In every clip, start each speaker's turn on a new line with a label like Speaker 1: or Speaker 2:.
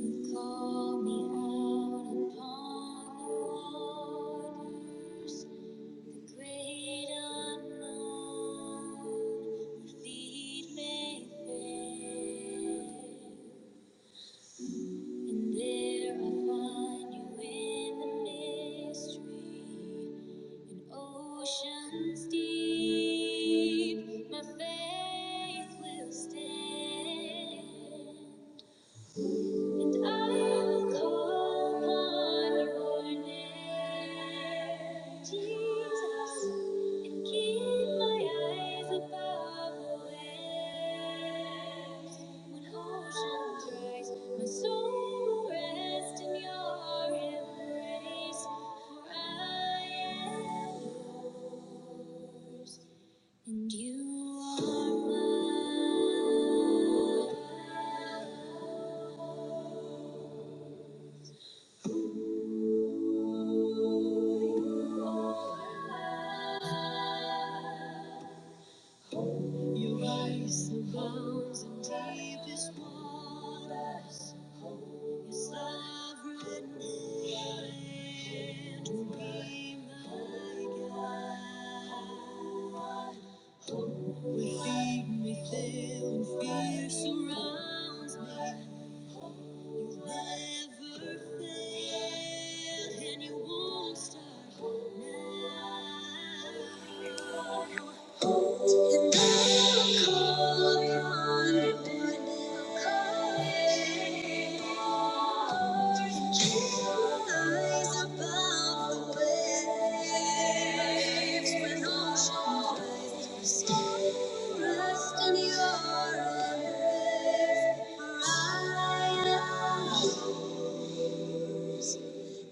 Speaker 1: Call me out upon the waters, great unknown, where feet may fail. And there I find you in the mystery, in oceans deep, my faith will stand. And I will call upon your name, Jesus, and keep my eyes above the waves. When ocean cries, my soul will rest in your embrace, for I am yours. And you are mine. Your eyes abounds in deepest waters. Yes, I have written it to be my guide. Will feed me till when fear surrounds me. You never fail and you won't start now. And I'll call upon your name.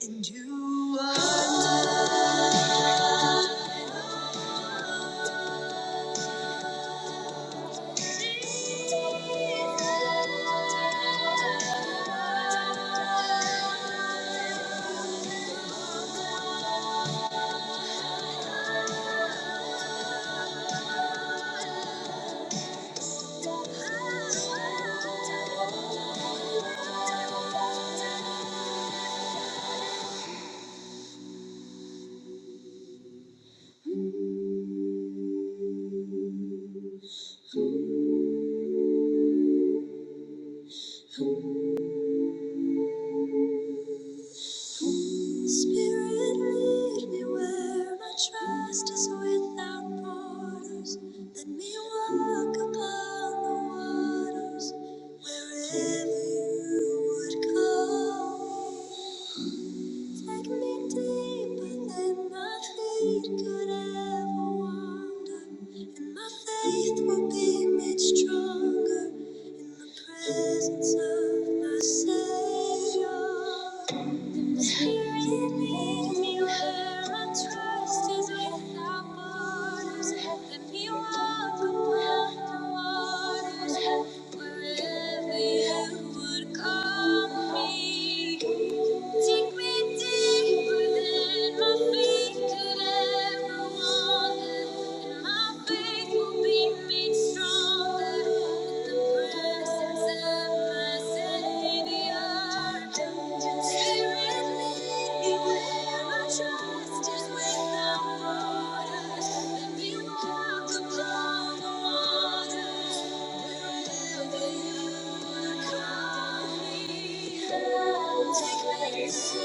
Speaker 1: And you are mine. Thank you. Spirit, lead me where my trust is without borders. Let me walk upon the waters wherever you would call. Take me deeper than my feet could ever wander, and my faith will be made stronger in the presence of my Savior. Spirit lead me where our trust is without borders. Let me walk above the waters, wherever You would call me. Take me deeper than my faith could ever wander, and my faith will be made stronger with the presence of my Savior. Spirit, lead me where my trust is without borders. Let me walk upon the water. Thank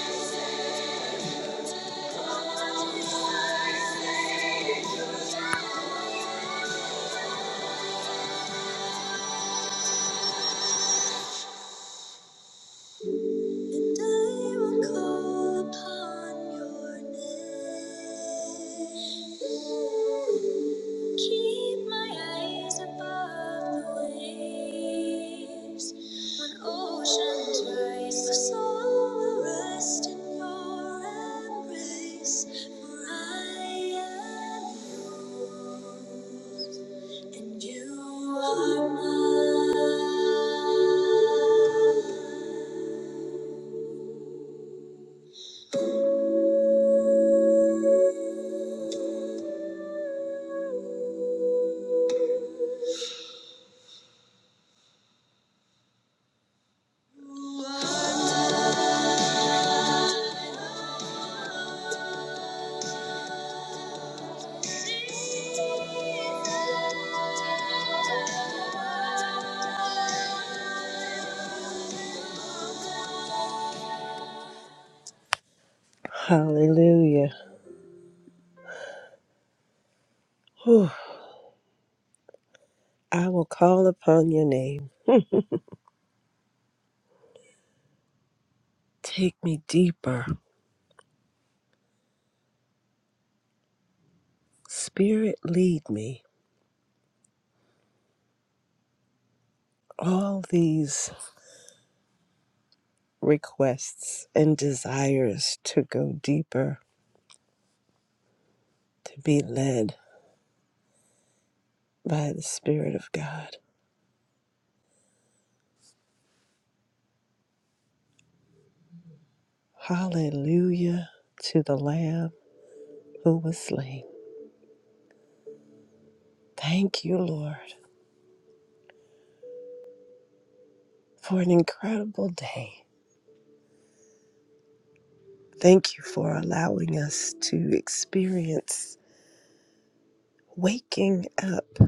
Speaker 1: you. And I will call upon your name. Keep my eyes above the waves. When oceans rise, my soul will rest in your embrace. For I am yours. And you are Hallelujah. Whew. I will call upon your name. Take me deeper. Spirit, lead me. All these requests and desires to go deeper, to be led by the Spirit of God. Hallelujah to the Lamb who was slain. Thank you, Lord, for an incredible day. Thank you for allowing us to experience waking up,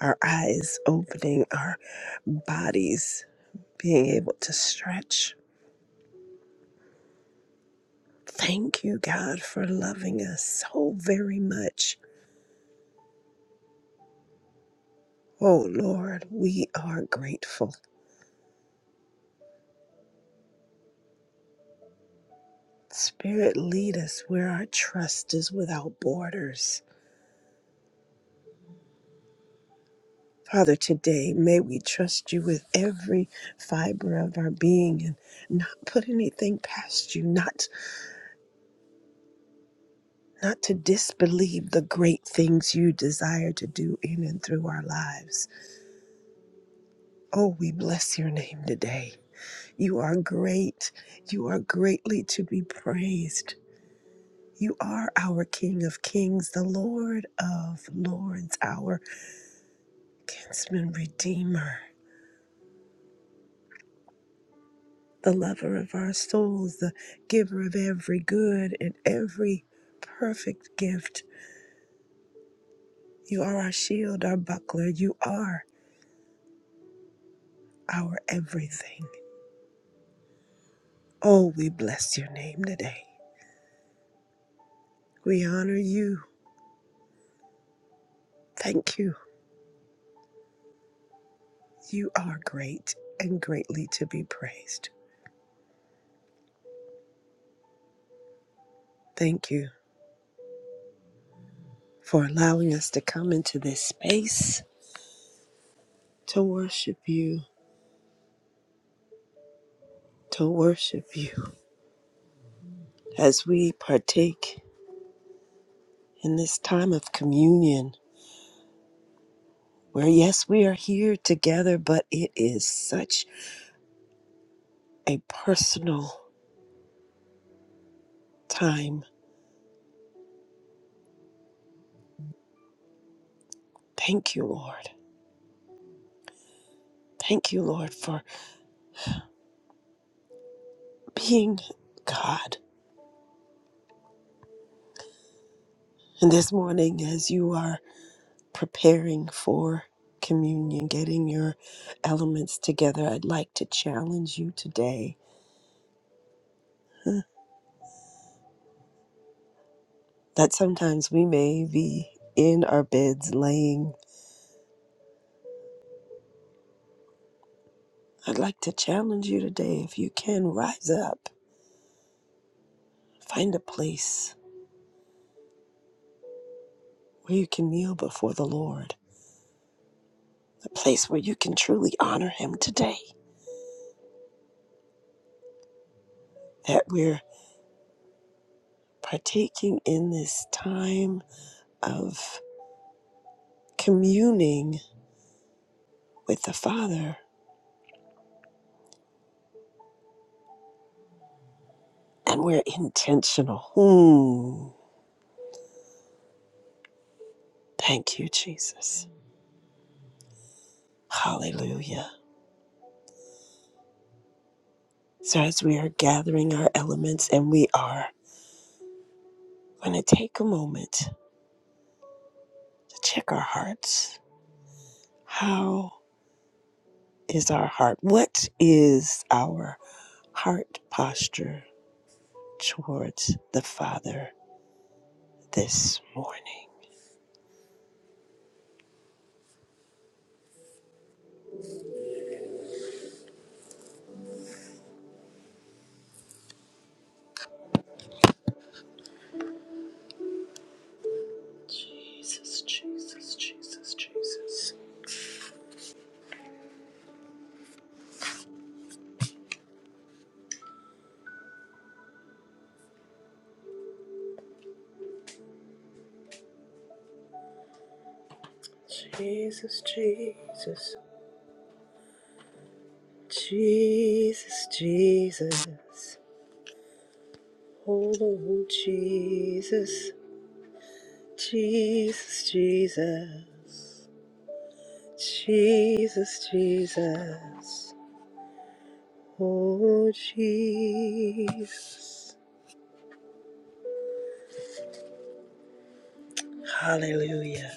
Speaker 1: our eyes opening, our bodies being able to stretch. Thank you, God, for loving us so very much Oh Lord, we are grateful. Spirit, lead us where our trust is without borders. Father, today may we trust you with every fiber of our being and not put anything past you, not not to disbelieve the great things you desire to do in and through our lives. Oh, we bless your name today. You are great. You are greatly to be praised. You are our King of Kings, the Lord of Lords, our kinsman redeemer, the lover of our souls, the giver of every good and every perfect gift. You are our shield, our buckler. You are our everything. Oh, we bless your name today. We honor you. Thank you. You are great and greatly to be praised. Thank you for allowing us to come into this space to worship you to worship you as we partake in this time of communion, where yes, we are here together, but it is such a personal time. Thank you, Lord. Thank you, Lord, for being God. And this morning, as you are preparing for communion, getting your elements together, I'd like to challenge you today huh, that sometimes we may be in our beds laying I'd like to challenge you today if you can rise up, find a place where you can kneel before the Lord, a place where you can truly honor Him today. That we're partaking in this time of communing with the Father and we're intentional. Hmm. Thank you, Jesus. Hallelujah. So, as we are gathering our elements and we are going to take a moment to check our hearts, how is our heart? What is our heart posture towards the Father this morning? Jesus, Jesus, Jesus, Jesus. Jesus, Jesus. Jesus, Jesus. Oh, Lord Jesus. Jesus, Jesus. Jesus, Jesus. Oh, Jesus. Hallelujah.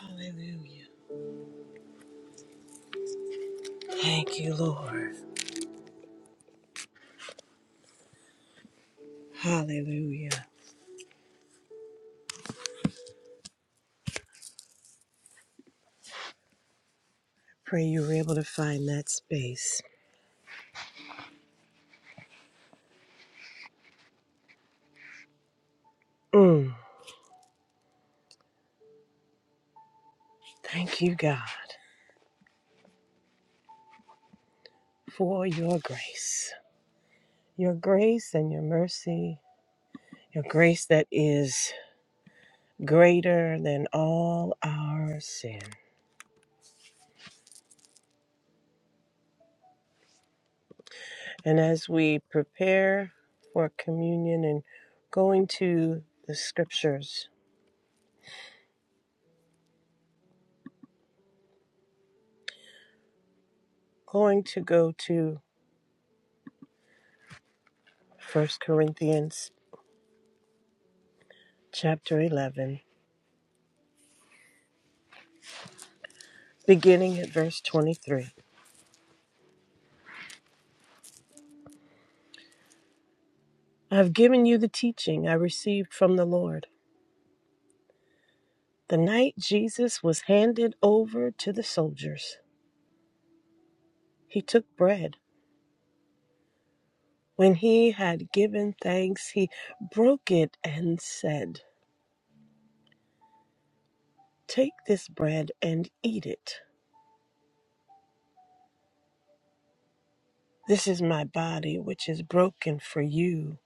Speaker 1: Hallelujah. Thank you, Lord. Hallelujah. Pray you were able to find that space. Mm. Thank you, God, for your grace. Your grace and your mercy. Your grace that is greater than all our sin. And as we prepare for communion and going to the scriptures, going to go to First Corinthians chapter 11, beginning at verse 23. I have given you the teaching I received from the Lord. The night Jesus was handed over to the soldiers, he took bread. When he had given thanks, he broke it and said, Take this bread and eat it. This is my body, which is broken for you.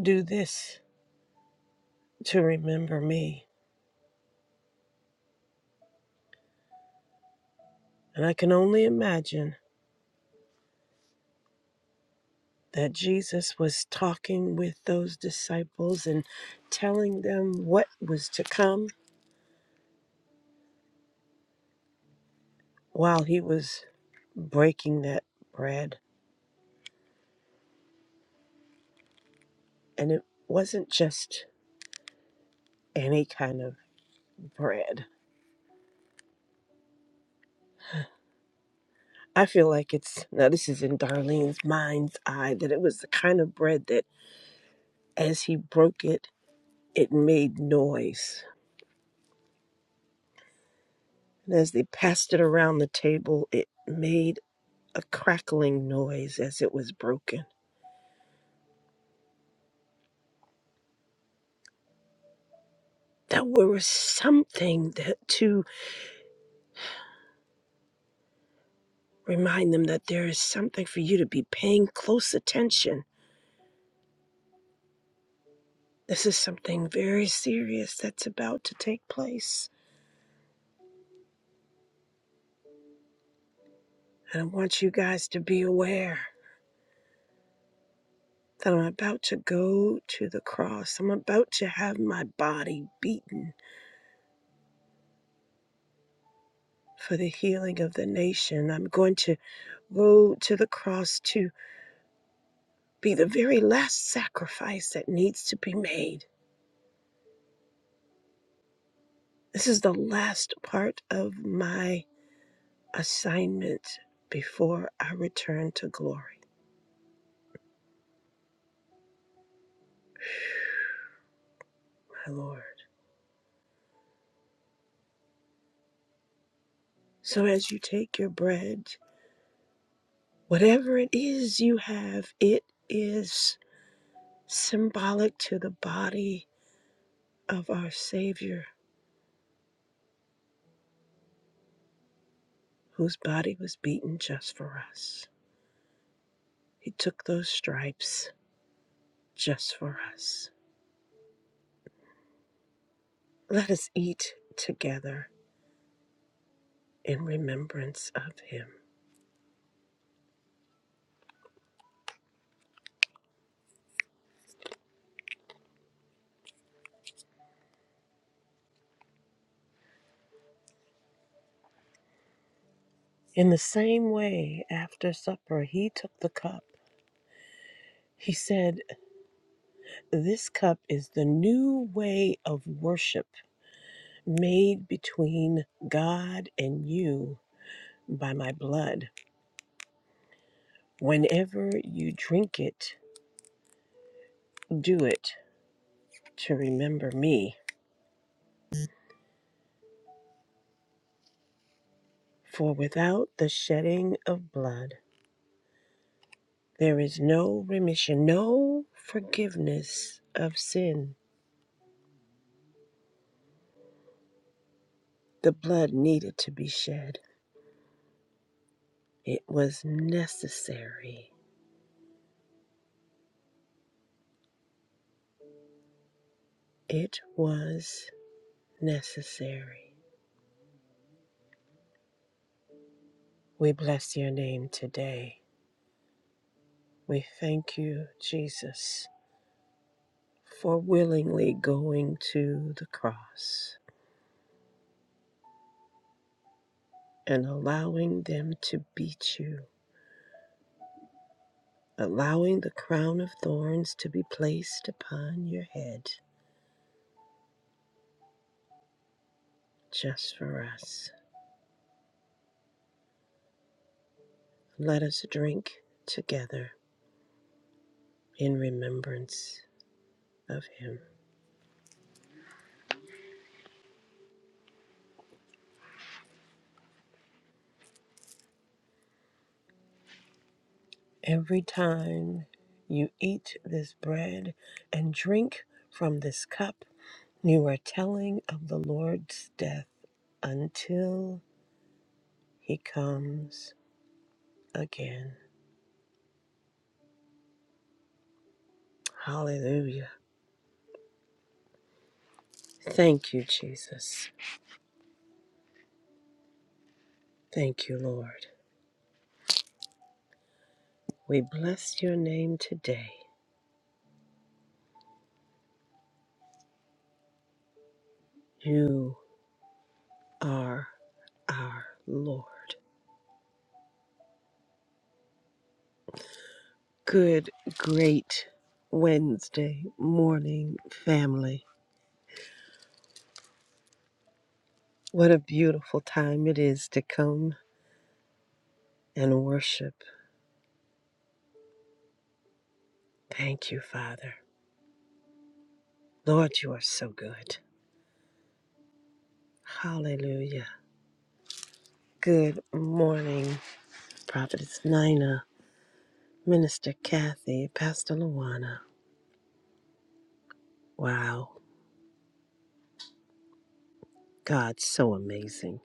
Speaker 1: Do this to remember me. And I can only imagine that Jesus was talking with those disciples and telling them what was to come while he was breaking that bread, and it wasn't just any kind of bread. I feel like it's now this is in Darlene's mind's eye that it was the kind of bread that as he broke it, it made noise. And as they passed it around the table, it made a crackling noise as it was broken. That there was something that to remind them that there is something for you to be paying close attention This is something very serious that's about to take place. And I want you guys to be aware that I'm about to go to the cross. I'm about to have my body beaten for the healing of the nation. I'm going to go to the cross to be the very last sacrifice that needs to be made. This is the last part of my assignment before I return to glory, my Lord. So as you take your bread Whatever it is you have, it is symbolic to the body of our Savior, whose body was beaten just for us. He took those stripes just for us. Let us eat together in remembrance of Him. In the same way, after supper, He took the cup. He said, This cup is the new way of worship made between God and you by my blood. Whenever you drink it, do it to remember me. For without the shedding of blood, there is no remission, no forgiveness of sin. The blood needed to be shed. It was necessary. It was necessary. We bless your name today. We thank you, Jesus, for willingly going to the cross and allowing them to beat you allowing the crown of thorns to be placed upon your head just for us. Let us drink together in remembrance of him. Every time you eat this bread and drink from this cup, you are telling of the Lord's death until he comes again. Hallelujah. Thank you, Jesus. Thank you, Lord. We bless your name today You are our Lord. Good, great Wednesday morning, family. What a beautiful time it is to come and worship. Thank you, Father. Lord, you are so good. Hallelujah. Good morning, Prophetess Nina, Minister Kathy, Pastor Luana. Wow, God's so amazing.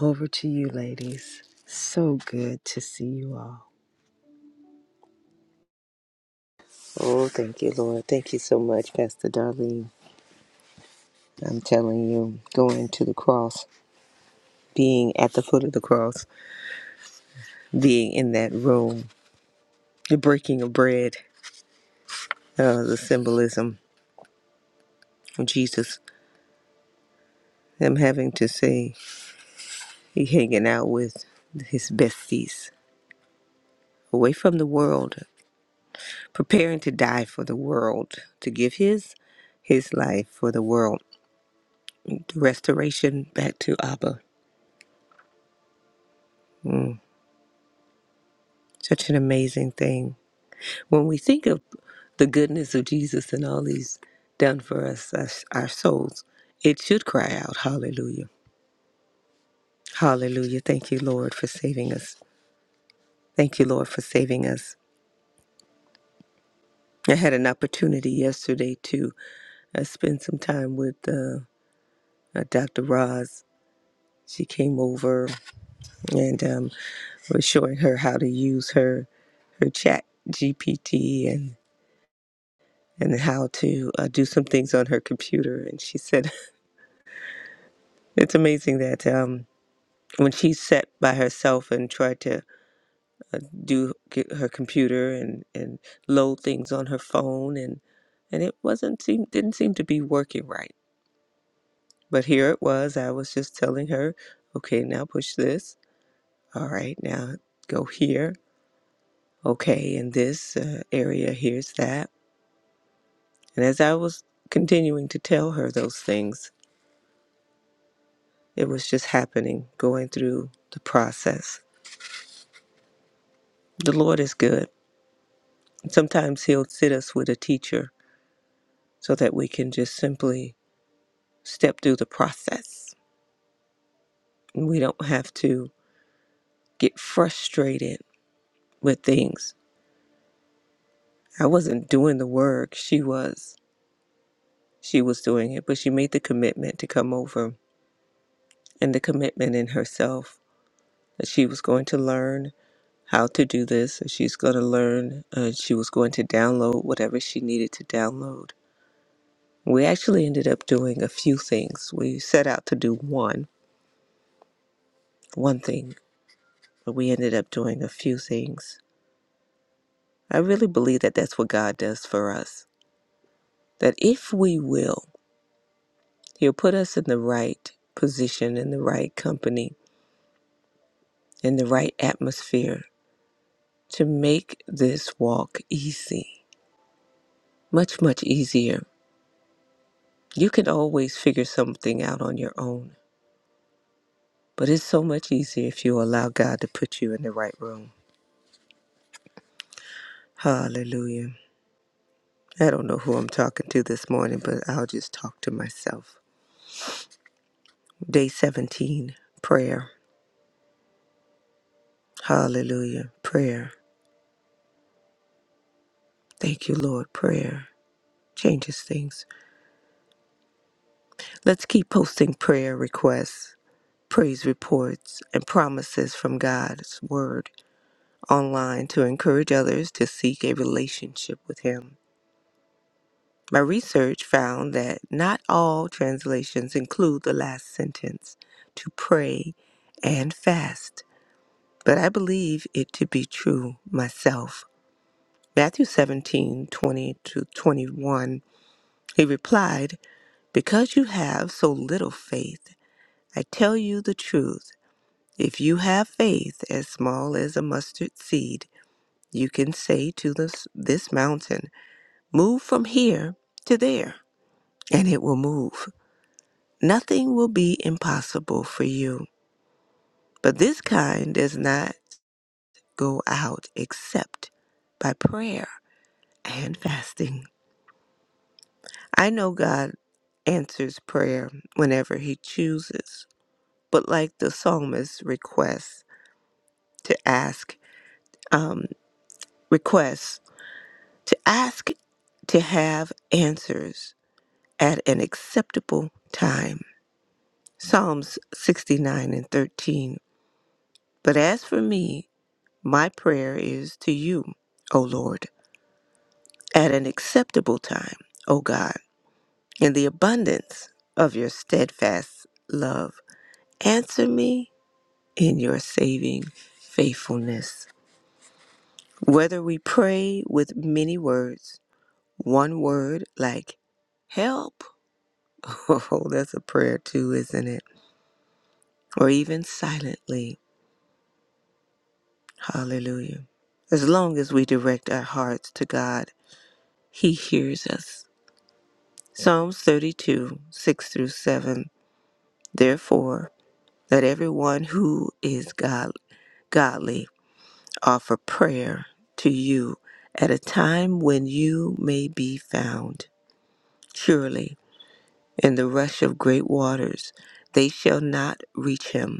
Speaker 1: Over to you, ladies. So good to see you all.
Speaker 2: Oh, thank you, Lord. Thank you so much, Pastor Darlene. I'm telling you, going to the cross, being at the foot of the cross, being in that room, the breaking of bread, uh, the symbolism of Jesus, them having to say, he hanging out with his besties, away from the world, preparing to die for the world, to give his his life for the world, the restoration back to Abba. Mm, such an amazing thing When we think of the goodness of Jesus and all he's done for us, us our souls, it should cry out, Hallelujah. Hallelujah. Thank you, Lord, for saving us. Thank you, Lord, for saving us. I had an opportunity yesterday to uh, spend some time with uh, uh, Dr. Roz. She came over and um, was showing her how to use her her chat GPT and and how to uh, do some things on her computer. And she said, it's amazing that. Um, when she sat by herself and tried to do get her computer and and load things on her phone and and it wasn't seem didn't seem to be working right but here it was i was just telling her okay now push this all right now go here okay in this uh, area here's that and as i was continuing to tell her those things it was just happening going through the process the lord is good sometimes he'll sit us with a teacher so that we can just simply step through the process we don't have to get frustrated with things. I wasn't doing the work, she was. She was doing it, but she made the commitment to come over and the commitment in herself that she was going to learn how to do this, that she's going to learn, uh, she was going to download whatever she needed to download. We actually ended up doing a few things. We set out to do one, one thing, but we ended up doing a few things I really believe that that's what God does for us. That if we will, He'll put us in the right position, in the right company, in the right atmosphere to make this walk easy, much, much easier. You can always figure something out on your own, but it's so much easier if you allow God to put you in the right room. Hallelujah. I don't know who I'm talking to this morning, but I'll just talk to myself. Day 17, prayer. Hallelujah. Prayer. Thank you, Lord. Prayer changes things. Let's keep posting prayer requests, praise reports, and promises from God's Word online to encourage others to seek a relationship with Him. My research found that not all translations include the last sentence to pray and fast, but I believe it to be true myself. Matthew 17 20 to 21. He replied, Because you have so little faith, I tell you the truth. If you have faith as small as a mustard seed, you can say to this, this mountain, Move from here to there, and it will move. Nothing will be impossible for you. But this kind does not go out except by prayer and fasting. I know God answers prayer whenever He chooses, but like the psalmist's request, to ask um, requests to ask to have answers at an acceptable time. Psalms 69 and 13. But as for me, my prayer is to you, O Lord, at an acceptable time, O God, in the abundance of your steadfast love. Answer me in your saving faithfulness. Whether we pray with many words, One word like help. Oh, that's a prayer too, isn't it? Or even silently. Hallelujah. As long as we direct our hearts to God, He hears us. Psalms 32, 6 through 7. Therefore, let everyone who is God, godly offer prayer to you at a time when you may be found. Surely, in the rush of great waters, they shall not reach him.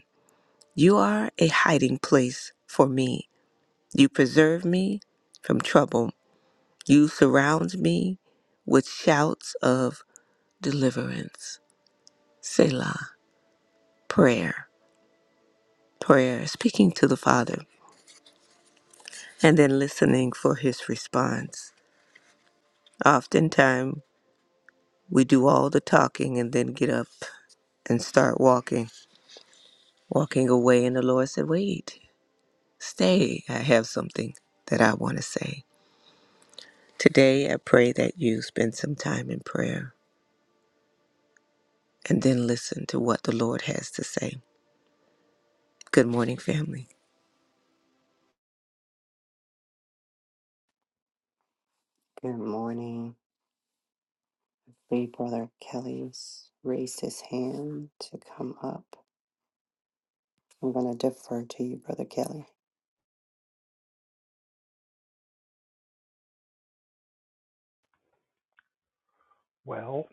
Speaker 2: You are a hiding place for me. You preserve me from trouble. You surround me with shouts of deliverance. Selah, prayer, prayer, speaking to the Father, and then listening for his response. Oftentimes, we do all the talking and then get up and start walking, walking away. And the Lord said, Wait, stay. I have something that I want to say. Today, I pray that you spend some time in prayer and then listen to what the Lord has to say. Good morning, family.
Speaker 3: Good morning. Big Brother Kelly's raised his hand to come up. I'm going to defer to you, Brother Kelly.
Speaker 4: Well,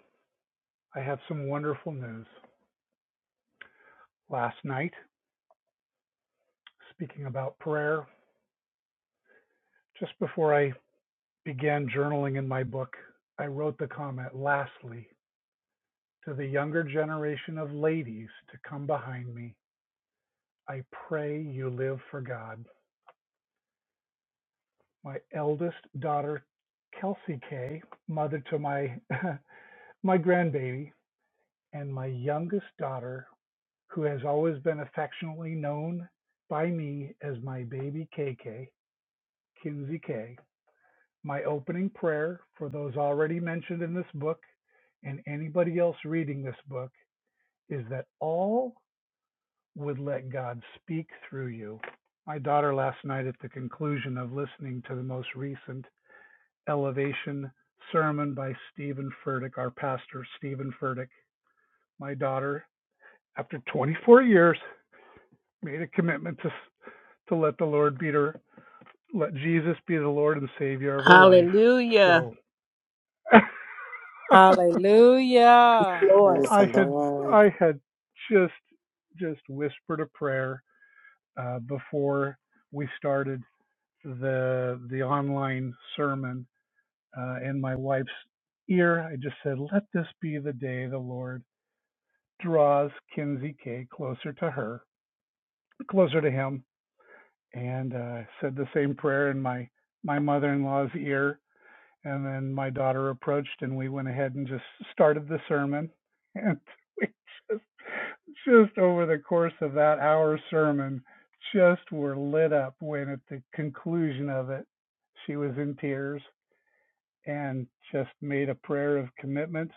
Speaker 4: I have some wonderful news. Last night, speaking about prayer, just before I began journaling in my book, I wrote the comment, lastly, to the younger generation of ladies to come behind me. I pray you live for God. My eldest daughter, Kelsey K, mother to my my grandbaby, and my youngest daughter, who has always been affectionately known by me as my baby KK, Kinsey K, My opening prayer for those already mentioned in this book and anybody else reading this book is that all would let God speak through you. My daughter last night at the conclusion of listening to the most recent elevation sermon by Stephen Furtick, our pastor, Stephen Furtick, my daughter, after 24 years, made a commitment to, to let the Lord be her, let Jesus be the Lord and Savior of her life.
Speaker 1: Hallelujah.
Speaker 4: So
Speaker 5: Hallelujah.
Speaker 2: Lord.
Speaker 3: Praise the
Speaker 4: I had
Speaker 3: Lord.
Speaker 4: I had just just whispered a prayer uh, before we started the the online sermon uh, in my wife's ear. I just said, "Let this be the day the Lord draws Kinsey K closer to her, closer to Him," and uh, said the same prayer in my my mother-in-law's ear. And then my daughter approached, and we went ahead and just started the sermon, and we just over the course of that hour sermon, just were lit up when at the conclusion of it, she was in tears and just made a prayer of commitment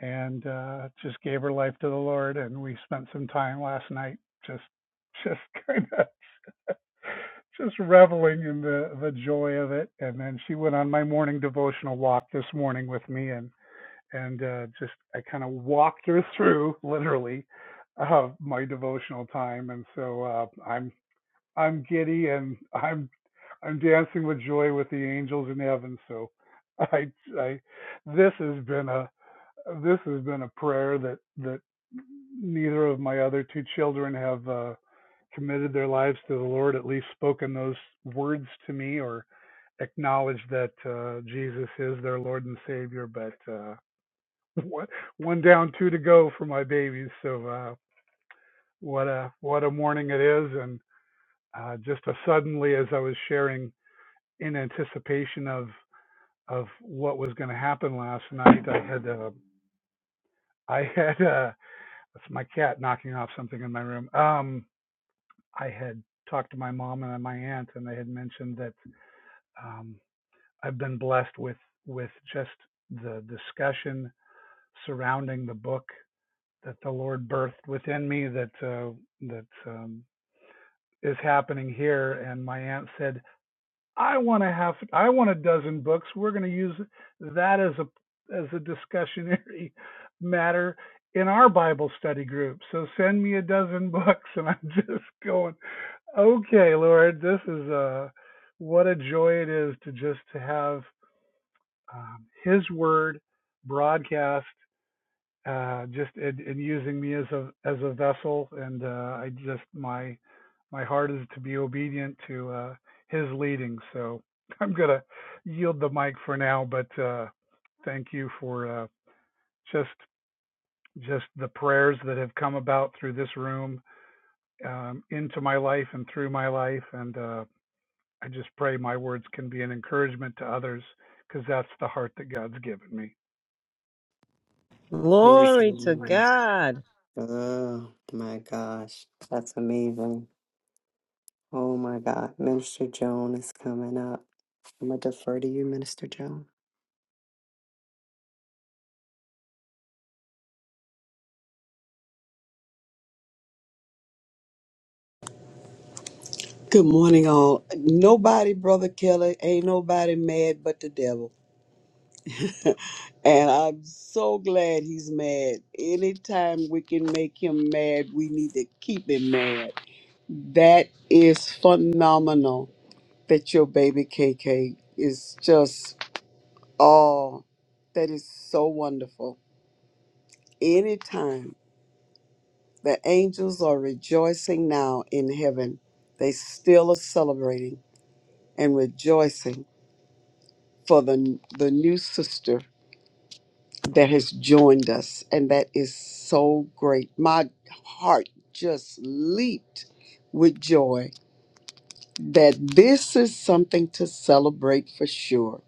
Speaker 4: and uh, just gave her life to the Lord. And we spent some time last night just, just kind of just reveling in the the joy of it. And then she went on my morning devotional walk this morning with me, and and uh, just I kind of walked her through literally uh, my devotional time, and so uh, I'm I'm giddy and I'm I'm dancing with joy with the angels in heaven. So I I this has been a this has been a prayer that that neither of my other two children have uh, committed their lives to the Lord, at least spoken those words to me or acknowledged that uh, Jesus is their Lord and Savior, but. Uh, one one down, two to go for my babies. So uh, what a what a morning it is, and uh, just as suddenly as I was sharing in anticipation of of what was going to happen last night, I had uh, I had uh, that's my cat knocking off something in my room. Um, I had talked to my mom and my aunt, and they had mentioned that um, I've been blessed with with just the discussion surrounding the book that the Lord birthed within me that uh, that um, is happening here. And my aunt said, "I want to have, I want a dozen books. We're going to use that as a as a discussionary matter in our Bible study group. So send me a dozen books." And I'm just going, "Okay, Lord, this is a what a joy it is to just to have um, His Word." broadcast uh, just in, in using me as a as a vessel, and uh, I just my my heart is to be obedient to uh, His leading. So I'm gonna yield the mic for now, but uh, thank you for uh, just just the prayers that have come about through this room um, into my life and through my life, and uh, I just pray my words can be an encouragement to others because that's the heart that God's given me.
Speaker 3: Praise the
Speaker 1: Glory to
Speaker 3: Lord.
Speaker 1: God.
Speaker 3: Oh, my gosh. That's amazing. Oh, my God. Minister Joan is coming up. I'm going to defer to you, Minister Joan.
Speaker 6: Good morning, all. Nobody, Brother Kelly, ain't nobody mad but the devil. And I'm so glad he's mad. Anytime we can make him mad, we need to keep him mad. That is phenomenal that your baby KK is just, oh, that is so wonderful. Anytime the angels are rejoicing now in heaven, they still are celebrating and rejoicing for the the new sister that has joined us and that is so great my heart just leaped with joy that this is something to celebrate for sure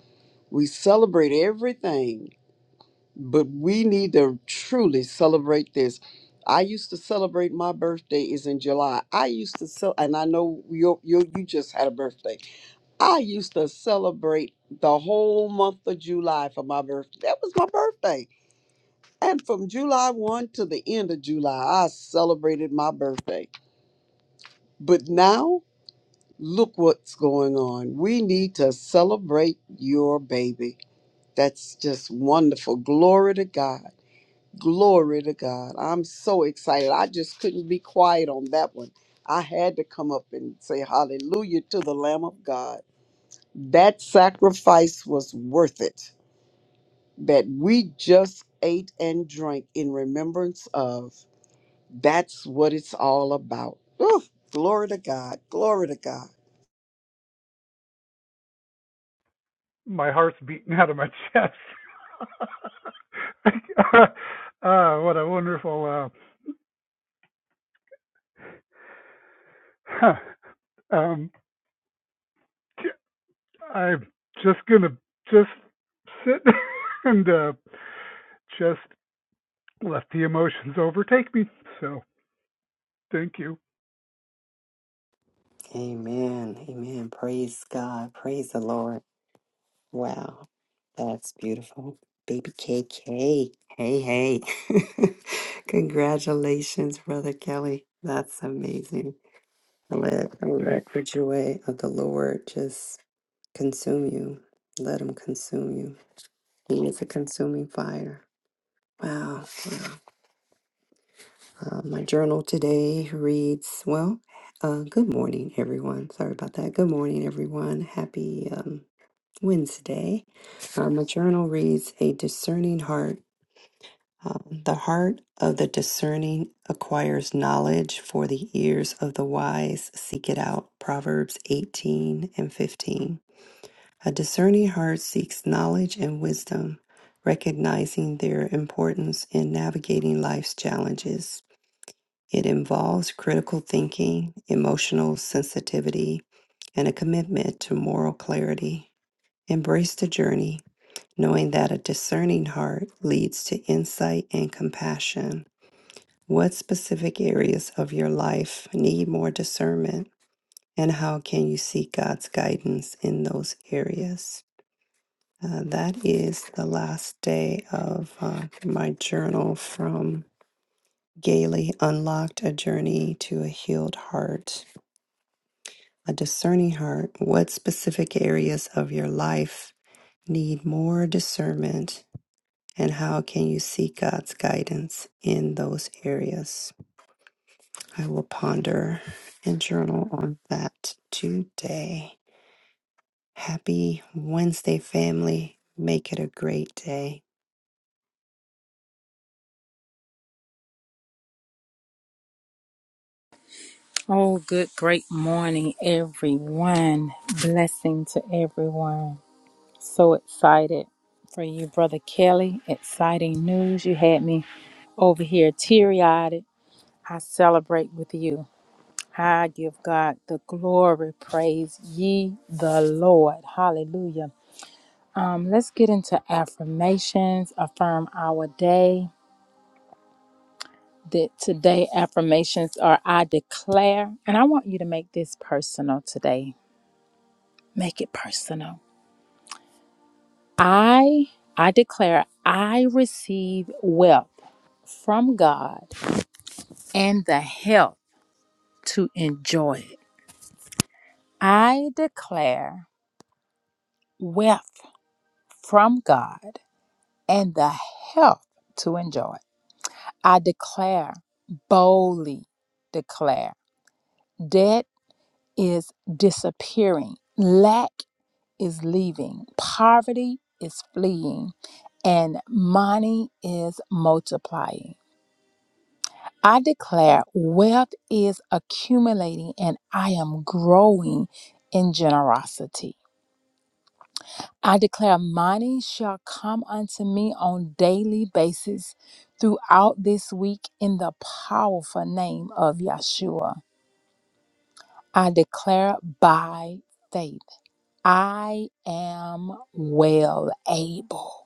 Speaker 6: we celebrate everything but we need to truly celebrate this i used to celebrate my birthday is in july i used to so and i know you you you just had a birthday I used to celebrate the whole month of July for my birthday. That was my birthday. And from July 1 to the end of July, I celebrated my birthday. But now, look what's going on. We need to celebrate your baby. That's just wonderful. Glory to God. Glory to God. I'm so excited. I just couldn't be quiet on that one. I had to come up and say hallelujah to the Lamb of God. That sacrifice was worth it that we just ate and drank in remembrance of. That's what it's all about. Ooh, glory to God. Glory to God.
Speaker 4: my heart's beating out of my chest. uh, what a wonderful. Uh, huh, um, I'm just gonna just sit and uh, just let the emotions overtake me. So thank you.
Speaker 3: Amen. Amen. Praise God. Praise the Lord. Wow. That's beautiful. Baby KK. Hey, hey. Congratulations, Brother Kelly. That's amazing. Let, let
Speaker 4: Thanks.
Speaker 3: the joy of the Lord just consume you. Let him consume you. He is a consuming fire. Wow. Uh, my journal today reads, well, uh, good morning, everyone. Sorry about that. Good morning, everyone. Happy um, Wednesday. Uh, my journal reads A Discerning Heart. Uh, the heart of the discerning acquires knowledge, for the ears of the wise seek it out. Proverbs 18 and 15. A discerning heart seeks knowledge and wisdom, recognizing their importance in navigating life's challenges. It involves critical thinking, emotional sensitivity, and a commitment to moral clarity. Embrace the journey knowing that a discerning heart leads to insight and compassion. What specific areas of your life need more discernment, and how can you seek God's guidance in those areas? Uh, that is the last day of uh, my journal from Gailey Unlocked A Journey to a Healed Heart. A discerning heart, what specific areas of your life need more discernment And how can you seek God's guidance in those areas? I will ponder and journal on that today. Happy Wednesday, family. Make it a great day.
Speaker 5: Oh, good, great morning, everyone. Blessing to everyone. So excited for you, Brother Kelly. Exciting news. You had me over here teary eyed. I celebrate with you. I give God the glory. Praise ye the Lord. Hallelujah. Um, let's get into affirmations. Affirm our day. that today affirmations are I declare, and I want you to make this personal today. Make it personal. I I declare I receive wealth from God and the health to enjoy it. I declare wealth from God and the health to enjoy. it. I declare boldly declare debt is disappearing. Lack is leaving, poverty is fleeing, and money is multiplying. I declare wealth is accumulating and I am growing in generosity. I declare money shall come unto me on daily basis throughout this week in the powerful name of Yeshua. I declare by faith, I am well able.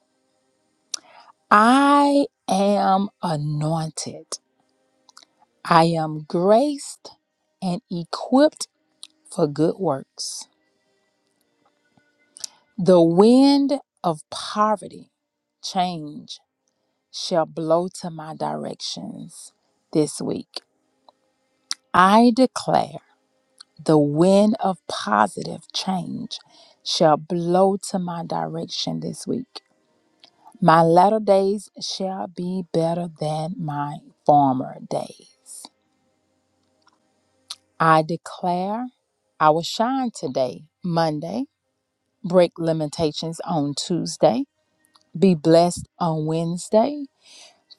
Speaker 5: I am anointed. I am graced and equipped for good works. The wind of poverty, change, shall blow to my directions this week. I declare the wind of positive change shall blow to my direction this week. My latter days shall be better than my former days. I declare I will shine today, Monday, break limitations on Tuesday, be blessed on Wednesday,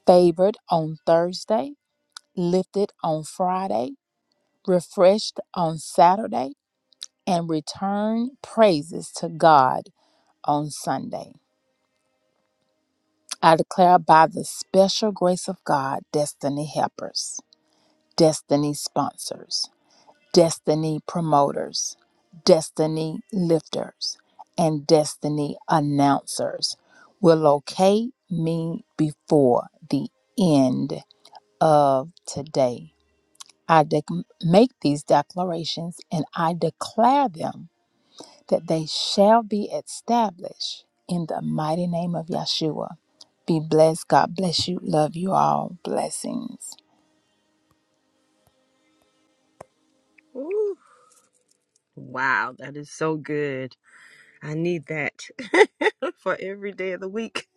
Speaker 5: favored on Thursday, lifted on Friday, refreshed on Saturday, and return praises to God on Sunday. I declare by the special grace of God, destiny helpers, destiny sponsors. destiny promoters, destiny lifters, and destiny announcers will locate me before the end of today. I dec make these declarations and I declare them that they shall be established in the mighty name of Yeshua. Be blessed. God bless you. Love you all. Blessings.
Speaker 1: Ooh, wow, that is so good. I need that for every day of the week.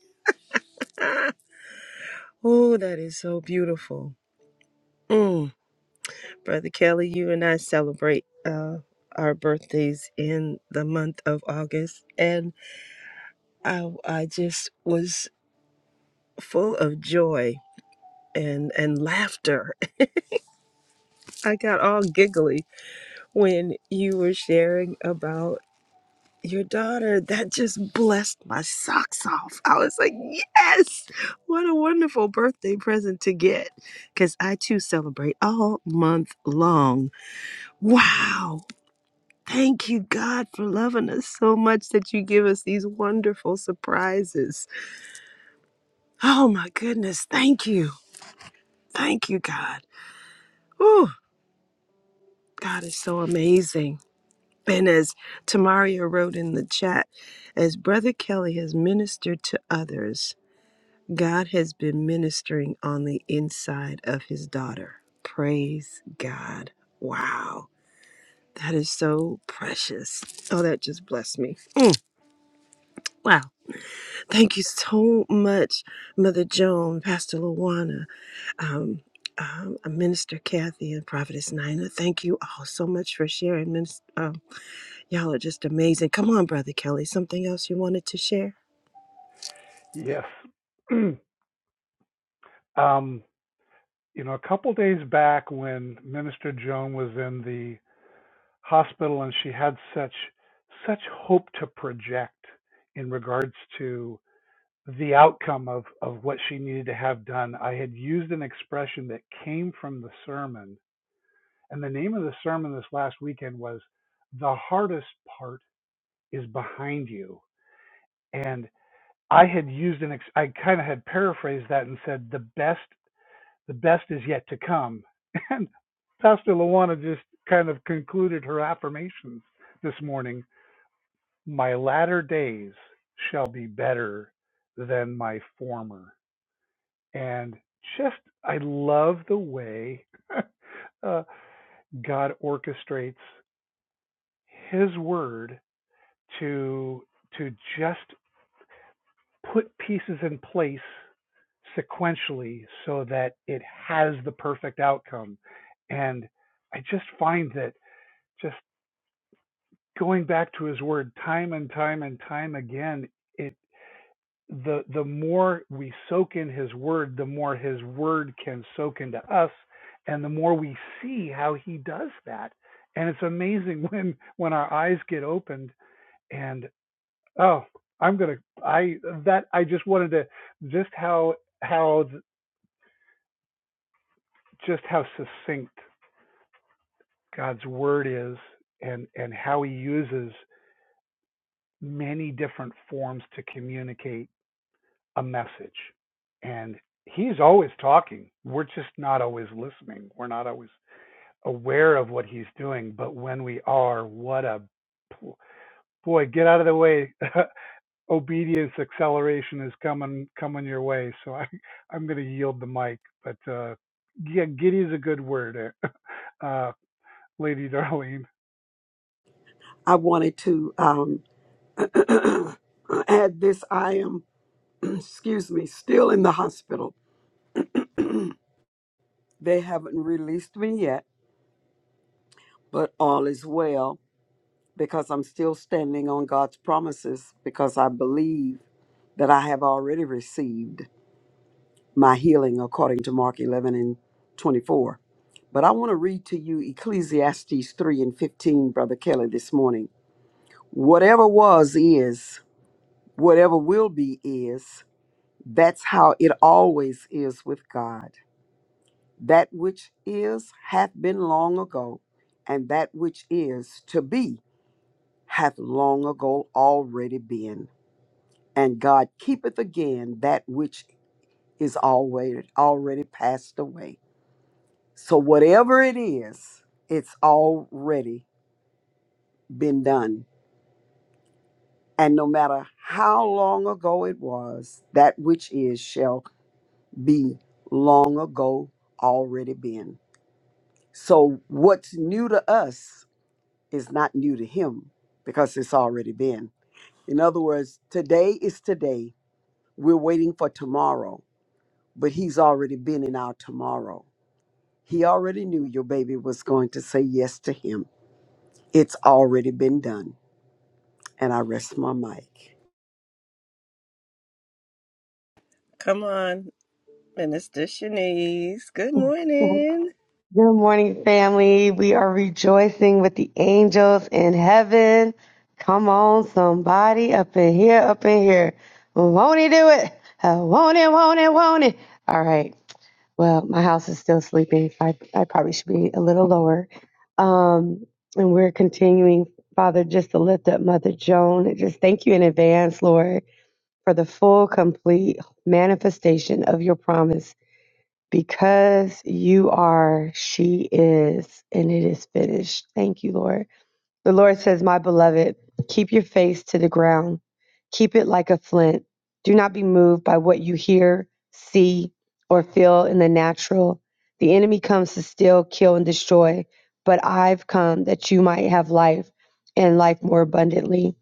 Speaker 1: oh, that is so beautiful. Mm. Brother Kelly, you and I celebrate uh, our birthdays in the month of August, and I, I just was full of joy and, and laughter. I got all giggly when you were sharing about. your daughter that just blessed my socks off i was like yes what a wonderful birthday present to get because i too celebrate all month long wow thank you god for loving us so much that you give us these wonderful surprises oh my goodness thank you thank you god oh god is so amazing and as Tamaria wrote in the chat, as Brother Kelly has ministered to others, God has been ministering on the inside of his daughter. Praise God. Wow. That is so precious. Oh, that just blessed me. Thank you so much, Mother Joan, Pastor Luana, um, um, uh, Minister Kathy, and Prophetess Nina. Thank you all so much for sharing. Minis- um, y'all are just amazing. Come on, Brother Kelly. Something else you wanted to share?
Speaker 4: Yes. um, you know, a couple days back when Minister Joan was in the hospital and she had such such hope to project in regards to the outcome of, of what she needed to have done, I had used an expression that came from the sermon. And the name of the sermon this last weekend was The Hardest Part is Behind You. And I had used an, ex- I kind of had paraphrased that and said, The best, the best is yet to come. And Pastor Luana just kind of concluded her affirmations this morning. My latter days shall be better than my former. and just I love the way uh, God orchestrates His Word to to just put pieces in place sequentially so that it has the perfect outcome. And I just find that just going back to His Word time and time and time again. it the the more we soak in his word the more his word can soak into us and the more we see how he does that and it's amazing when when our eyes get opened and oh i'm going to i that i just wanted to just how how just how succinct god's word is and and how he uses many different forms to communicate a message. And he's always talking. We're just not always listening. We're not always aware of what he's doing. But when we are, what a boy, get out of the way. Obedience acceleration is coming coming your way. So I, I'm going to yield the mic. But uh, yeah, giddy is a good word, eh? uh, Lady Darlene.
Speaker 6: I wanted to um, add this. I am, excuse me, still in the hospital. they haven't released me yet, but all is well because I'm still standing on God's promises because I believe that I have already received. my healing according to Mark 11 and 24. But I want to read to you Ecclesiastes 3 and 15, Brother Kelly, this morning. Whatever was is, whatever will be is, that's how it always is with God. That which is hath been long ago, and that which is to be hath long ago already been. And God keepeth again that which is already already passed away. So, whatever it is, it's already been done. And no matter how long ago it was, that which is shall be long ago already been. So, what's new to us is not new to him because it's already been. In other words, today is today. We're waiting for tomorrow, but he's already been in our tomorrow. He already knew your baby was going to say yes to him. It's already been done. And I rest my mic.
Speaker 1: Come on, Minister Shanice. Good
Speaker 7: Good
Speaker 1: morning.
Speaker 7: morning, family. We are rejoicing with the angels in heaven. Come on, somebody up in here, up in here. Won't he do it? Uh, Won't it, won't it, won't it? All right. Well, my house is still sleeping. So I, I probably should be a little lower. Um, and we're continuing, Father, just to lift up Mother Joan. Just thank you in advance, Lord, for the full, complete manifestation of your promise because you are, she is, and it is finished. Thank you, Lord. The Lord says, My beloved, keep your face to the ground. Keep it like a flint. Do not be moved by what you hear, see, or feel in the natural. The enemy comes to steal, kill, and destroy, but I've come that you might have life and life more abundantly.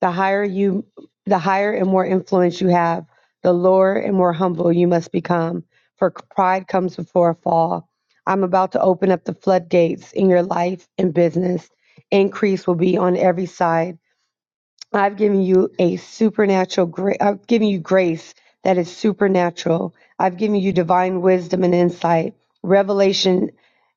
Speaker 7: The higher you the higher and more influence you have, the lower and more humble you must become, for pride comes before a fall. I'm about to open up the floodgates in your life and business increase will be on every side. I've given you a supernatural grace. I've given you grace that is supernatural. I've given you divine wisdom and insight. Revelation,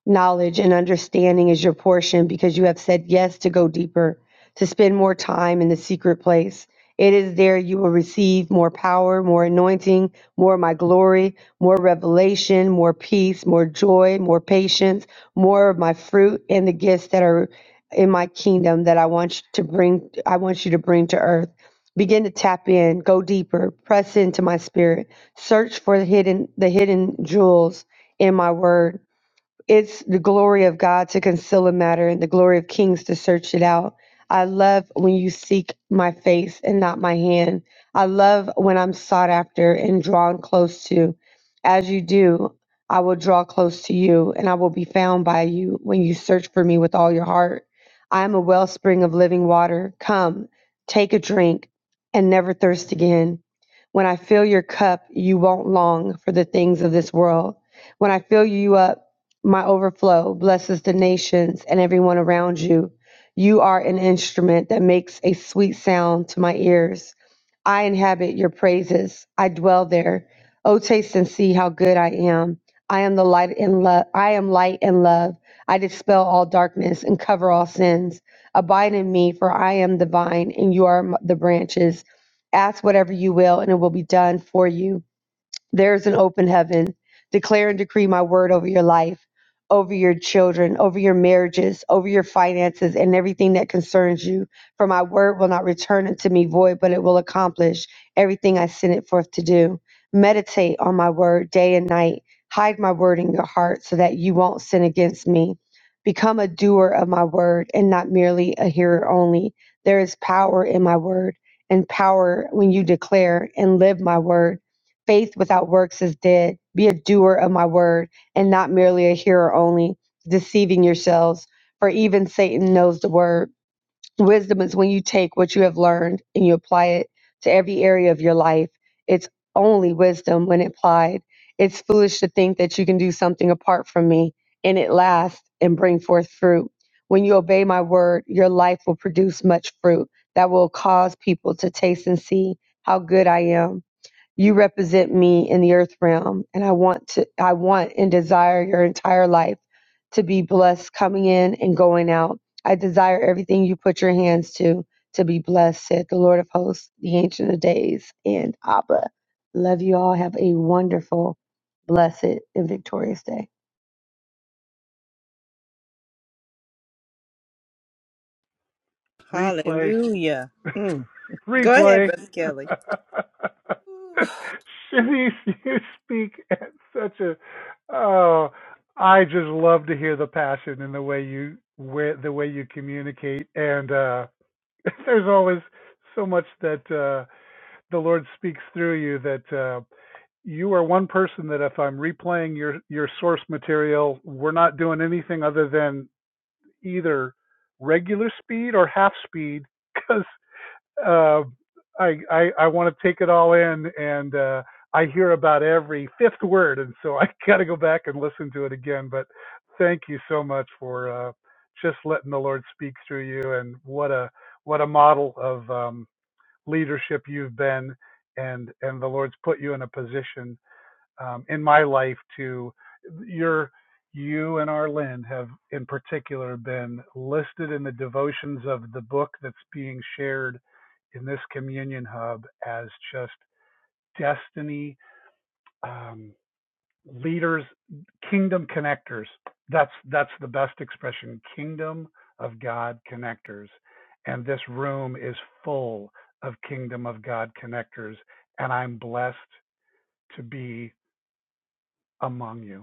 Speaker 7: knowledge, and understanding is your portion because you have said yes to go deeper, to spend more time in the secret place. It is there you will receive more power, more anointing, more of my glory, more revelation, more peace, more joy, more patience, more of my fruit and the gifts that are in my kingdom that I want you to bring I want you to bring to earth. Begin to tap in, go deeper, press into my spirit, search for the hidden the hidden jewels in my word it's the glory of God to conceal a matter and the glory of kings to search it out. I love when you seek my face and not my hand. I love when I'm sought after and drawn close to. As you do, I will draw close to you and I will be found by you when you search for me with all your heart. I am a wellspring of living water. Come, take a drink and never thirst again. When I fill your cup, you won't long for the things of this world. When I fill you up, my overflow blesses the nations and everyone around you. You are an instrument that makes a sweet sound to my ears. I inhabit your praises. I dwell there. Oh, taste and see how good I am. I am the light and love. I am light and love. I dispel all darkness and cover all sins. Abide in me, for I am the vine, and you are m- the branches. Ask whatever you will, and it will be done for you. There's an open heaven. Declare and decree my word over your life, over your children, over your marriages, over your finances, and everything that concerns you. For my word will not return unto me void, but it will accomplish everything I sent it forth to do. Meditate on my word day and night. Hide my word in your heart so that you won't sin against me. Become a doer of my word and not merely a hearer only. There is power in my word and power when you declare and live my word. Faith without works is dead. Be a doer of my word and not merely a hearer only, deceiving yourselves. For even Satan knows the word. Wisdom is when you take what you have learned and you apply it to every area of your life. It's only wisdom when applied. It's foolish to think that you can do something apart from me and it lasts and bring forth fruit. When you obey my word, your life will produce much fruit that will cause people to taste and see how good I am. You represent me in the earth realm, and I want to I want and desire your entire life to be blessed coming in and going out. I desire everything you put your hands to to be blessed, said the Lord of hosts, the ancient of days, and Abba. Love you all. Have a wonderful, blessed, and victorious day.
Speaker 4: Replay.
Speaker 1: Hallelujah. Go ahead,
Speaker 4: Replay.
Speaker 1: Brother Kelly.
Speaker 3: Ooh.
Speaker 4: Shivy, you speak at such a. Oh, I just love to hear the passion and the way you where the way you communicate. And uh, there's always so much that uh, the Lord speaks through you. That uh, you are one person that if I'm replaying your your source material, we're not doing anything other than either regular speed or half speed because uh, I, I I want to take it all in, and uh, I hear about every fifth word, and so I got to go back and listen to it again. But thank you so much for uh, just letting the Lord speak through you, and what a what a model of um, leadership you've been, and and the Lord's put you in a position um, in my life to your you and Arlen have in particular been listed in the devotions of the book that's being shared in this communion hub as just destiny um, leaders kingdom connectors that's that's the best expression kingdom of god connectors and this room is full of kingdom of god connectors and i'm blessed to be among you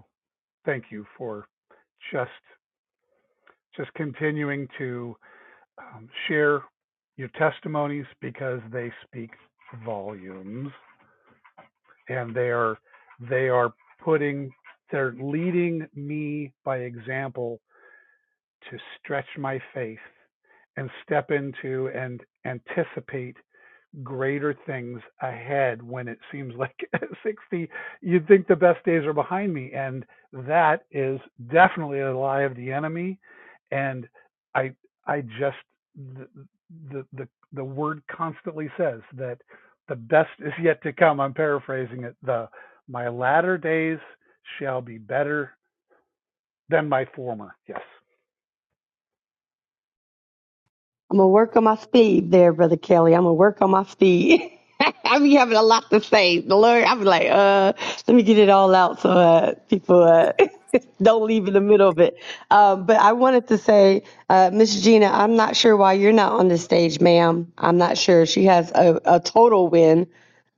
Speaker 4: thank you for just just continuing to um, share your testimonies because they speak volumes and they are they are putting they're leading me by example to stretch my faith and step into and anticipate greater things ahead when it seems like 60 you'd think the best days are behind me and that is definitely a lie of the enemy and i i just the the the, the word constantly says that the best is yet to come i'm paraphrasing it the my latter days shall be better than my former yes
Speaker 7: I'm gonna work on my speed there, brother Kelly. I'm gonna work on my speed. I be having a lot to say. The Lord, I be like, uh, let me get it all out so uh, people uh, don't leave in the middle of it. Um, but I wanted to say, uh, Miss Gina, I'm not sure why you're not on the stage, ma'am. I'm not sure. She has a, a total win.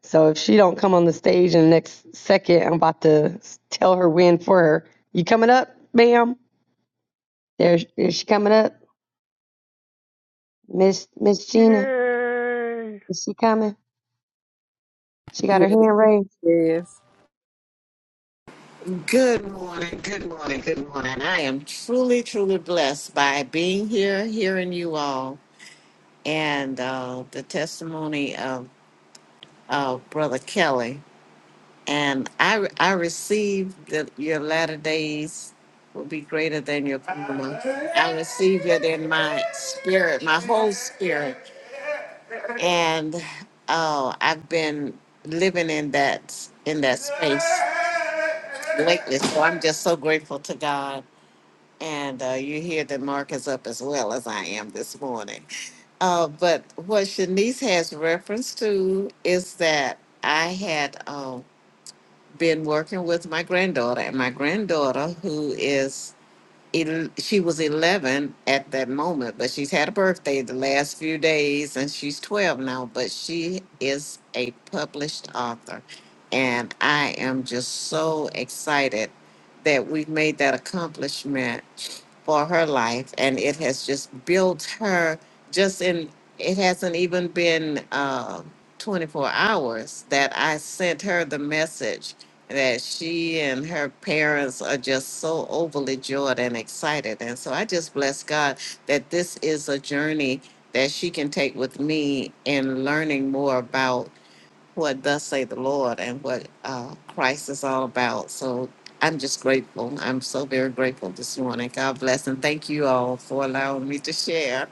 Speaker 7: So if she don't come on the stage in the next second, I'm about to s- tell her win for her. You coming up, ma'am? There, is she coming up, Miss Miss Gina?
Speaker 4: yay
Speaker 7: Is she coming? She got her hand raised.
Speaker 5: Yes.
Speaker 8: Good morning, good morning, good morning. I am truly, truly blessed by being here, hearing you all, and uh, the testimony of uh, Brother Kelly. And I, I received that your latter days will be greater than your former. I receive it in my spirit, my whole spirit, and uh, I've been living in that in that space lately. So I'm just so grateful to God And uh, you hear that Mark is up as well as I am this morning. Uh, but what Shanice has reference to is that I had um, been working with my granddaughter, and my granddaughter, who is el- she was 11 at that moment, but she's had a birthday the last few days and she's 12 now, but she is a published author. And I am just so excited that we've made that accomplishment for her life. And it has just built her just in, it hasn't even been uh, 24 hours that I sent her the message that she and her parents are just so overly joyed and excited. And so I just bless God that this is a journey that she can take with me in learning more about what thus say the Lord and what uh, Christ is all about. So I'm just grateful. I'm so very grateful this morning. God bless and thank you all for allowing me to share.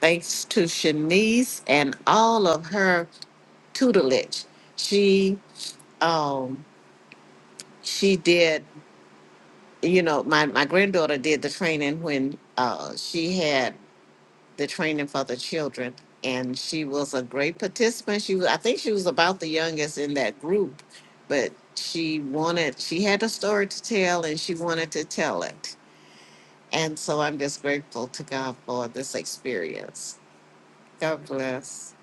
Speaker 8: Thanks to Shanice and all of her tutelage. She um, she did you know, my, my granddaughter did the training when uh, she had the training for the children, and she was a great participant. She was, I think she was about the youngest in that group, but she wanted, she had a story to tell, and she wanted to tell it. And so I'm just grateful to God for this experience. God bless.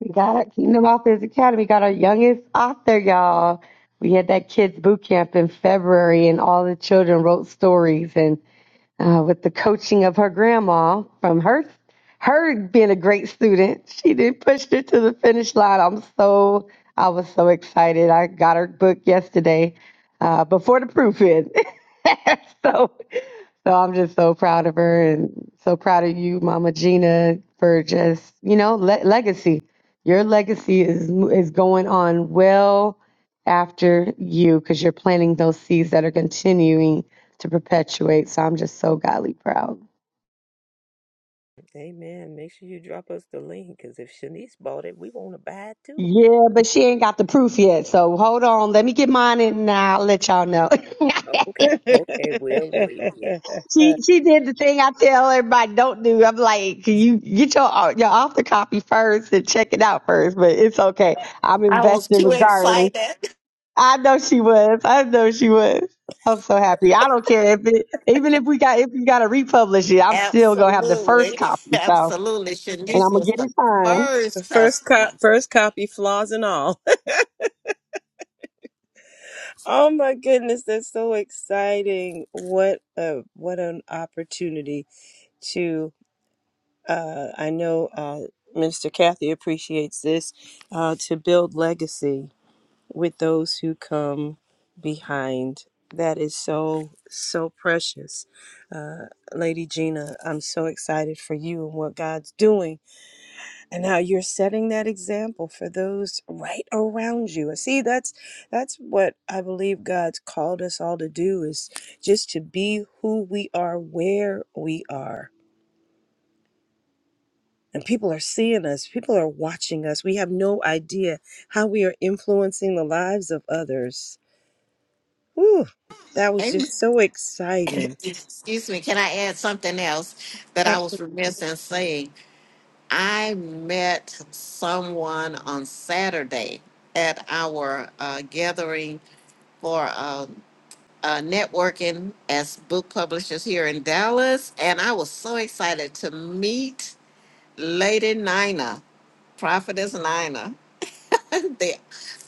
Speaker 7: We got Kingdom Authors Academy, got our youngest author, y'all. We had that kids boot camp in February, and all the children wrote stories. And uh, with the coaching of her grandma, from her her being a great student, she did push her to the finish line. I'm so I was so excited. I got her book yesterday uh, before the proof in. so So I'm just so proud of her and so proud of you, Mama Gina, for just you know le- legacy. Your legacy is is going on well after you because you're planting those seeds that are continuing to perpetuate. So I'm just so godly proud.
Speaker 2: Amen. Make sure you drop us the link because if Shanice bought it, we want to buy it too.
Speaker 7: Yeah, but she ain't got the proof yet. So hold on, let me get mine in and I'll let y'all know.
Speaker 2: Okay, okay, we'll wait. Yeah.
Speaker 1: the
Speaker 7: She she did the thing I tell everybody don't do. I'm like, can you get your uh, your author copy first and check it out first? But it's okay. I'm
Speaker 8: I was
Speaker 7: investing
Speaker 8: too
Speaker 7: regardless.
Speaker 8: excited.
Speaker 7: I know she was. I know she was. I'm so happy. I don't care if it even if we got if you got to republish it, I'm still gonna have the first
Speaker 8: Absolutely.
Speaker 7: copy. So
Speaker 8: Absolutely.
Speaker 7: and I'm
Speaker 8: Shanice
Speaker 7: gonna
Speaker 8: was
Speaker 7: get
Speaker 8: the
Speaker 7: it signed.
Speaker 8: first
Speaker 1: first
Speaker 8: customer.
Speaker 1: cop, first copy, flaws and all. oh my goodness, that's so exciting! What a what an opportunity to. Uh, I know uh, Minister Kathy appreciates this uh, to build legacy. with those who come behind. That is so, so precious. Uh, Lady Gina, I'm so excited for you and what God's doing and how you're setting that example for those right around you. And See, that's that's what I believe God's called us all to do is just to be who we are where we are. And people are seeing us, people are watching us. We have no idea how we are influencing the lives of others Whew, that was just so exciting.
Speaker 8: Excuse me, can I add something else that I was
Speaker 1: Absolutely.
Speaker 8: remiss in saying? I met someone on Saturday at our uh, gathering for uh, uh, networking as book publishers here in Dallas, and I was so excited to meet Lady Nina, Prophetess Nina the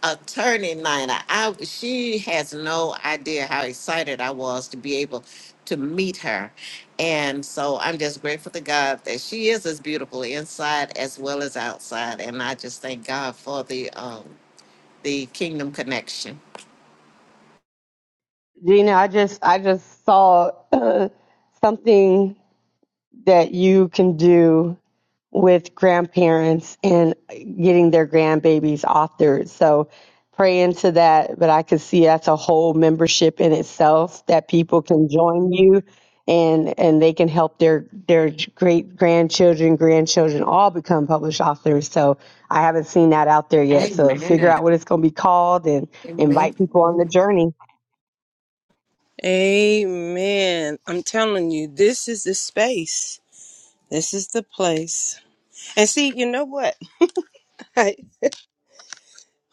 Speaker 8: attorney Nina. I she has no idea how excited I was to be able to meet her. And so I'm just grateful to God that she is as beautiful inside as well as outside. And I just thank God for the um the kingdom connection.
Speaker 7: Gina, I just I just saw something that you can do with grandparents and getting their grandbabies authored. So pray into that. But I could see that's a whole membership in itself that people can join you and and they can help their their great grandchildren, grandchildren all become published authors. So I haven't seen that out there yet. So figure
Speaker 8: Amen.
Speaker 7: out what it's gonna be called and
Speaker 8: Amen.
Speaker 7: invite people on the journey.
Speaker 1: Amen. I'm telling you, this is the space. This is the place. And see, you know what? I,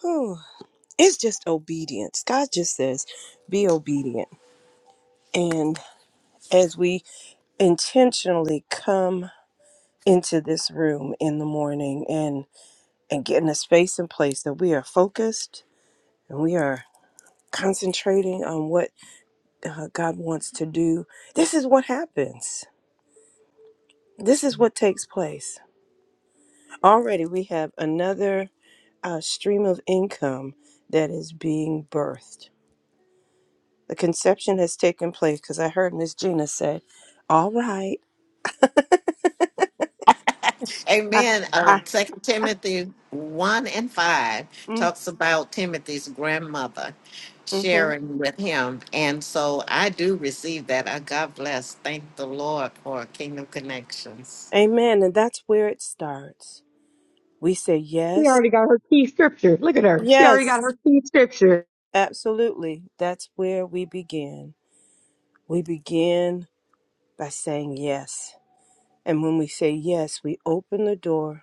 Speaker 1: Whew, it's just obedience. God just says, be obedient. And as we intentionally come into this room in the morning and and get in a space and place that we are focused and we are concentrating on what uh, God wants to do, this is what happens. This is what takes place. Already, we have another uh, stream of income that is being birthed. The conception has taken place because I heard Miss Gina say, All right.
Speaker 8: Amen. Um,
Speaker 1: I,
Speaker 8: Second Timothy one and five
Speaker 1: mm,
Speaker 8: talks about Timothy's grandmother
Speaker 1: hmm
Speaker 8: sharing with him, and so I do receive that. I God bless. Thank the Lord for Kingdom Connections.
Speaker 1: Amen. And that's where it starts. We say,
Speaker 7: She
Speaker 1: Yes.
Speaker 7: already got her key scripture. Look at her. She
Speaker 1: Yes,
Speaker 7: already got her key scripture.
Speaker 1: absolutely. That's where we begin. We begin by saying yes. And when we say yes, we open the door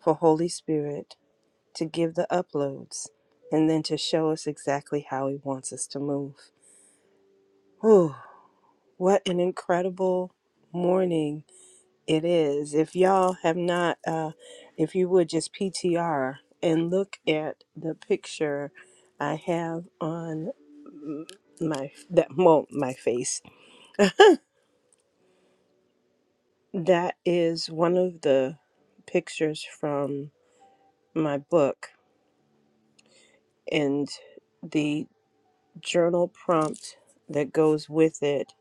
Speaker 1: for Holy Spirit to give the uploads and then to show us exactly how He wants us to move. Whew, what an incredible morning it is. If y'all have not, uh, if you would just PTR and look at the picture I have on my that well, my face. That is one of the pictures from my book and the journal prompt that goes with it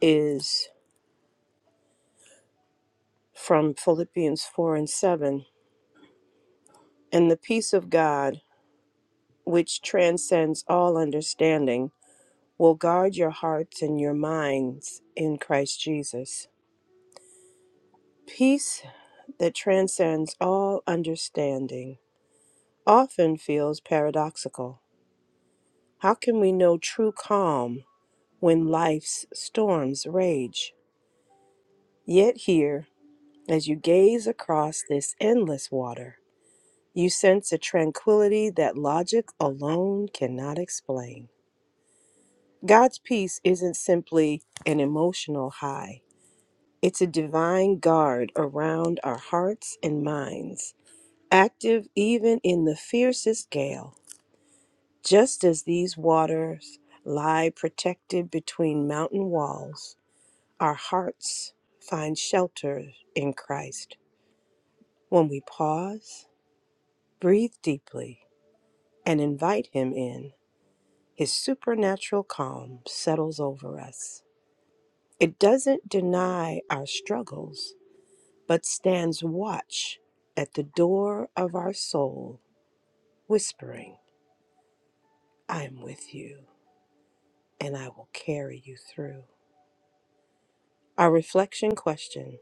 Speaker 1: is from Philippians 4 and 7. And the peace of God, which transcends all understanding, will guard your hearts and your minds in Christ Jesus. Peace that transcends all understanding often feels paradoxical. How can we know true calm when life's storms rage? Yet, here, as you gaze across this endless water, You sense a tranquility that logic alone cannot explain. God's peace isn't simply an emotional high, it's a divine guard around our hearts and minds, active even in the fiercest gale. Just as these waters lie protected between mountain walls, our hearts find shelter in Christ. When we pause, breathe deeply, and invite Him in, His supernatural calm settles over us. It doesn't deny our struggles, but stands watch at the door of our soul, whispering, I am with you and I will carry you through. Our reflection question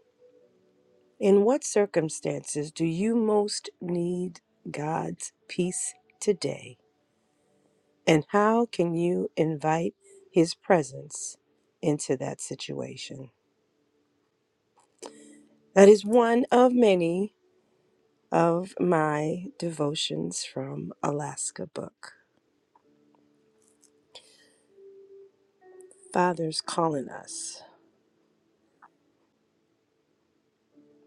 Speaker 1: In what circumstances do you most need God's peace today? And how can you invite His presence into that situation? That is one of many of my devotions from Alaska book. Father's calling us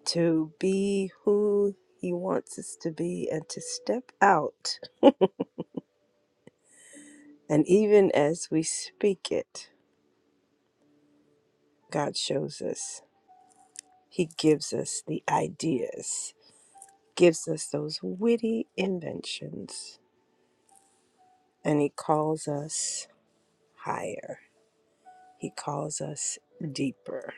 Speaker 1: to be who He wants us to be and to step out. And even as we speak it, God shows us. He gives us the ideas, gives us those witty inventions, and He calls us higher. He calls us deeper.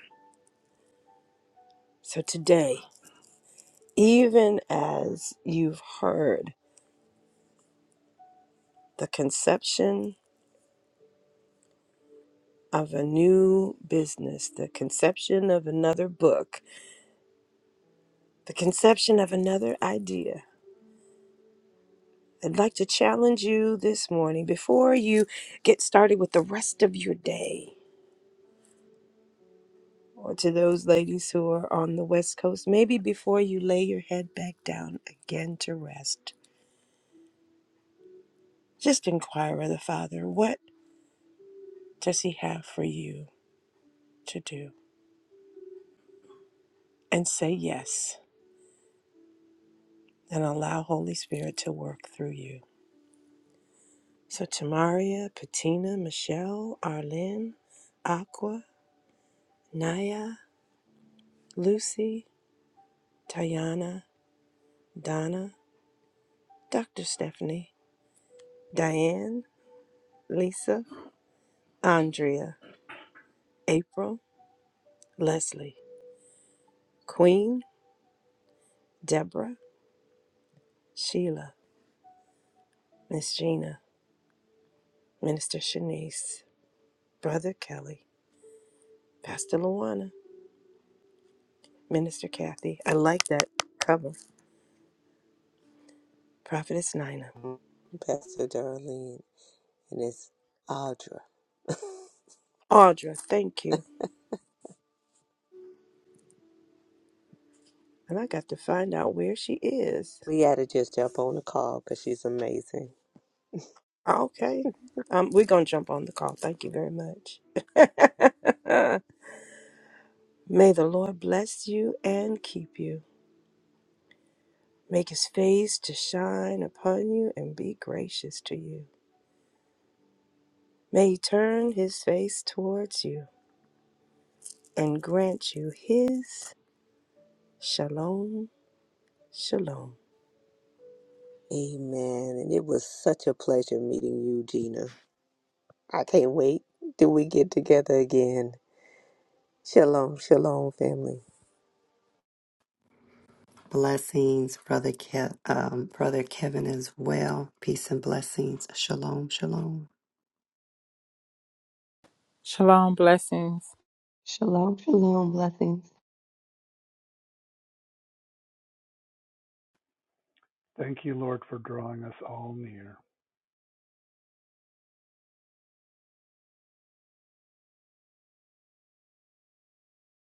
Speaker 1: So today, even as you've heard, the conception of a new business, the conception of another book, the conception of another idea. I'd like to challenge you this morning before you get started with the rest of your day, or to those ladies who are on the West Coast, maybe before you lay your head back down again to rest, just inquire of the Father, what does He have for you to do? And say yes, and allow Holy Spirit to work through you. So Tamaria, Patina, Michelle, Arlene, Aqua, Naya, Lucy, Tayana, Donna, Dr. Stephanie, Diane, Lisa, Andrea, April, Leslie, Queen, Deborah, Sheila, Miss Gina, Minister Shanice, Brother Kelly, Pastor Luana, Minister Kathy. I like that cover. Prophetess Nina.
Speaker 2: Pastor Darlene, and it's Audra.
Speaker 1: Audra, thank you. And I got to find out where she is.
Speaker 2: We had to just jump on the call because she's amazing.
Speaker 1: Okay. Um, we're going to jump on the call. Thank you very much. May the Lord bless you and keep you. Make his face to shine upon you and be gracious to you. May he turn his face towards you and grant you his shalom, shalom.
Speaker 2: Amen. And it was such a pleasure meeting you, Gina. I can't wait till we get together again. Shalom, shalom, family.
Speaker 3: Blessings, brother, Ke- um, brother Kevin, as well. Peace and blessings. Shalom, shalom.
Speaker 5: Shalom. Blessings.
Speaker 7: Shalom, shalom, blessings.
Speaker 4: thank you lord for drawing us all near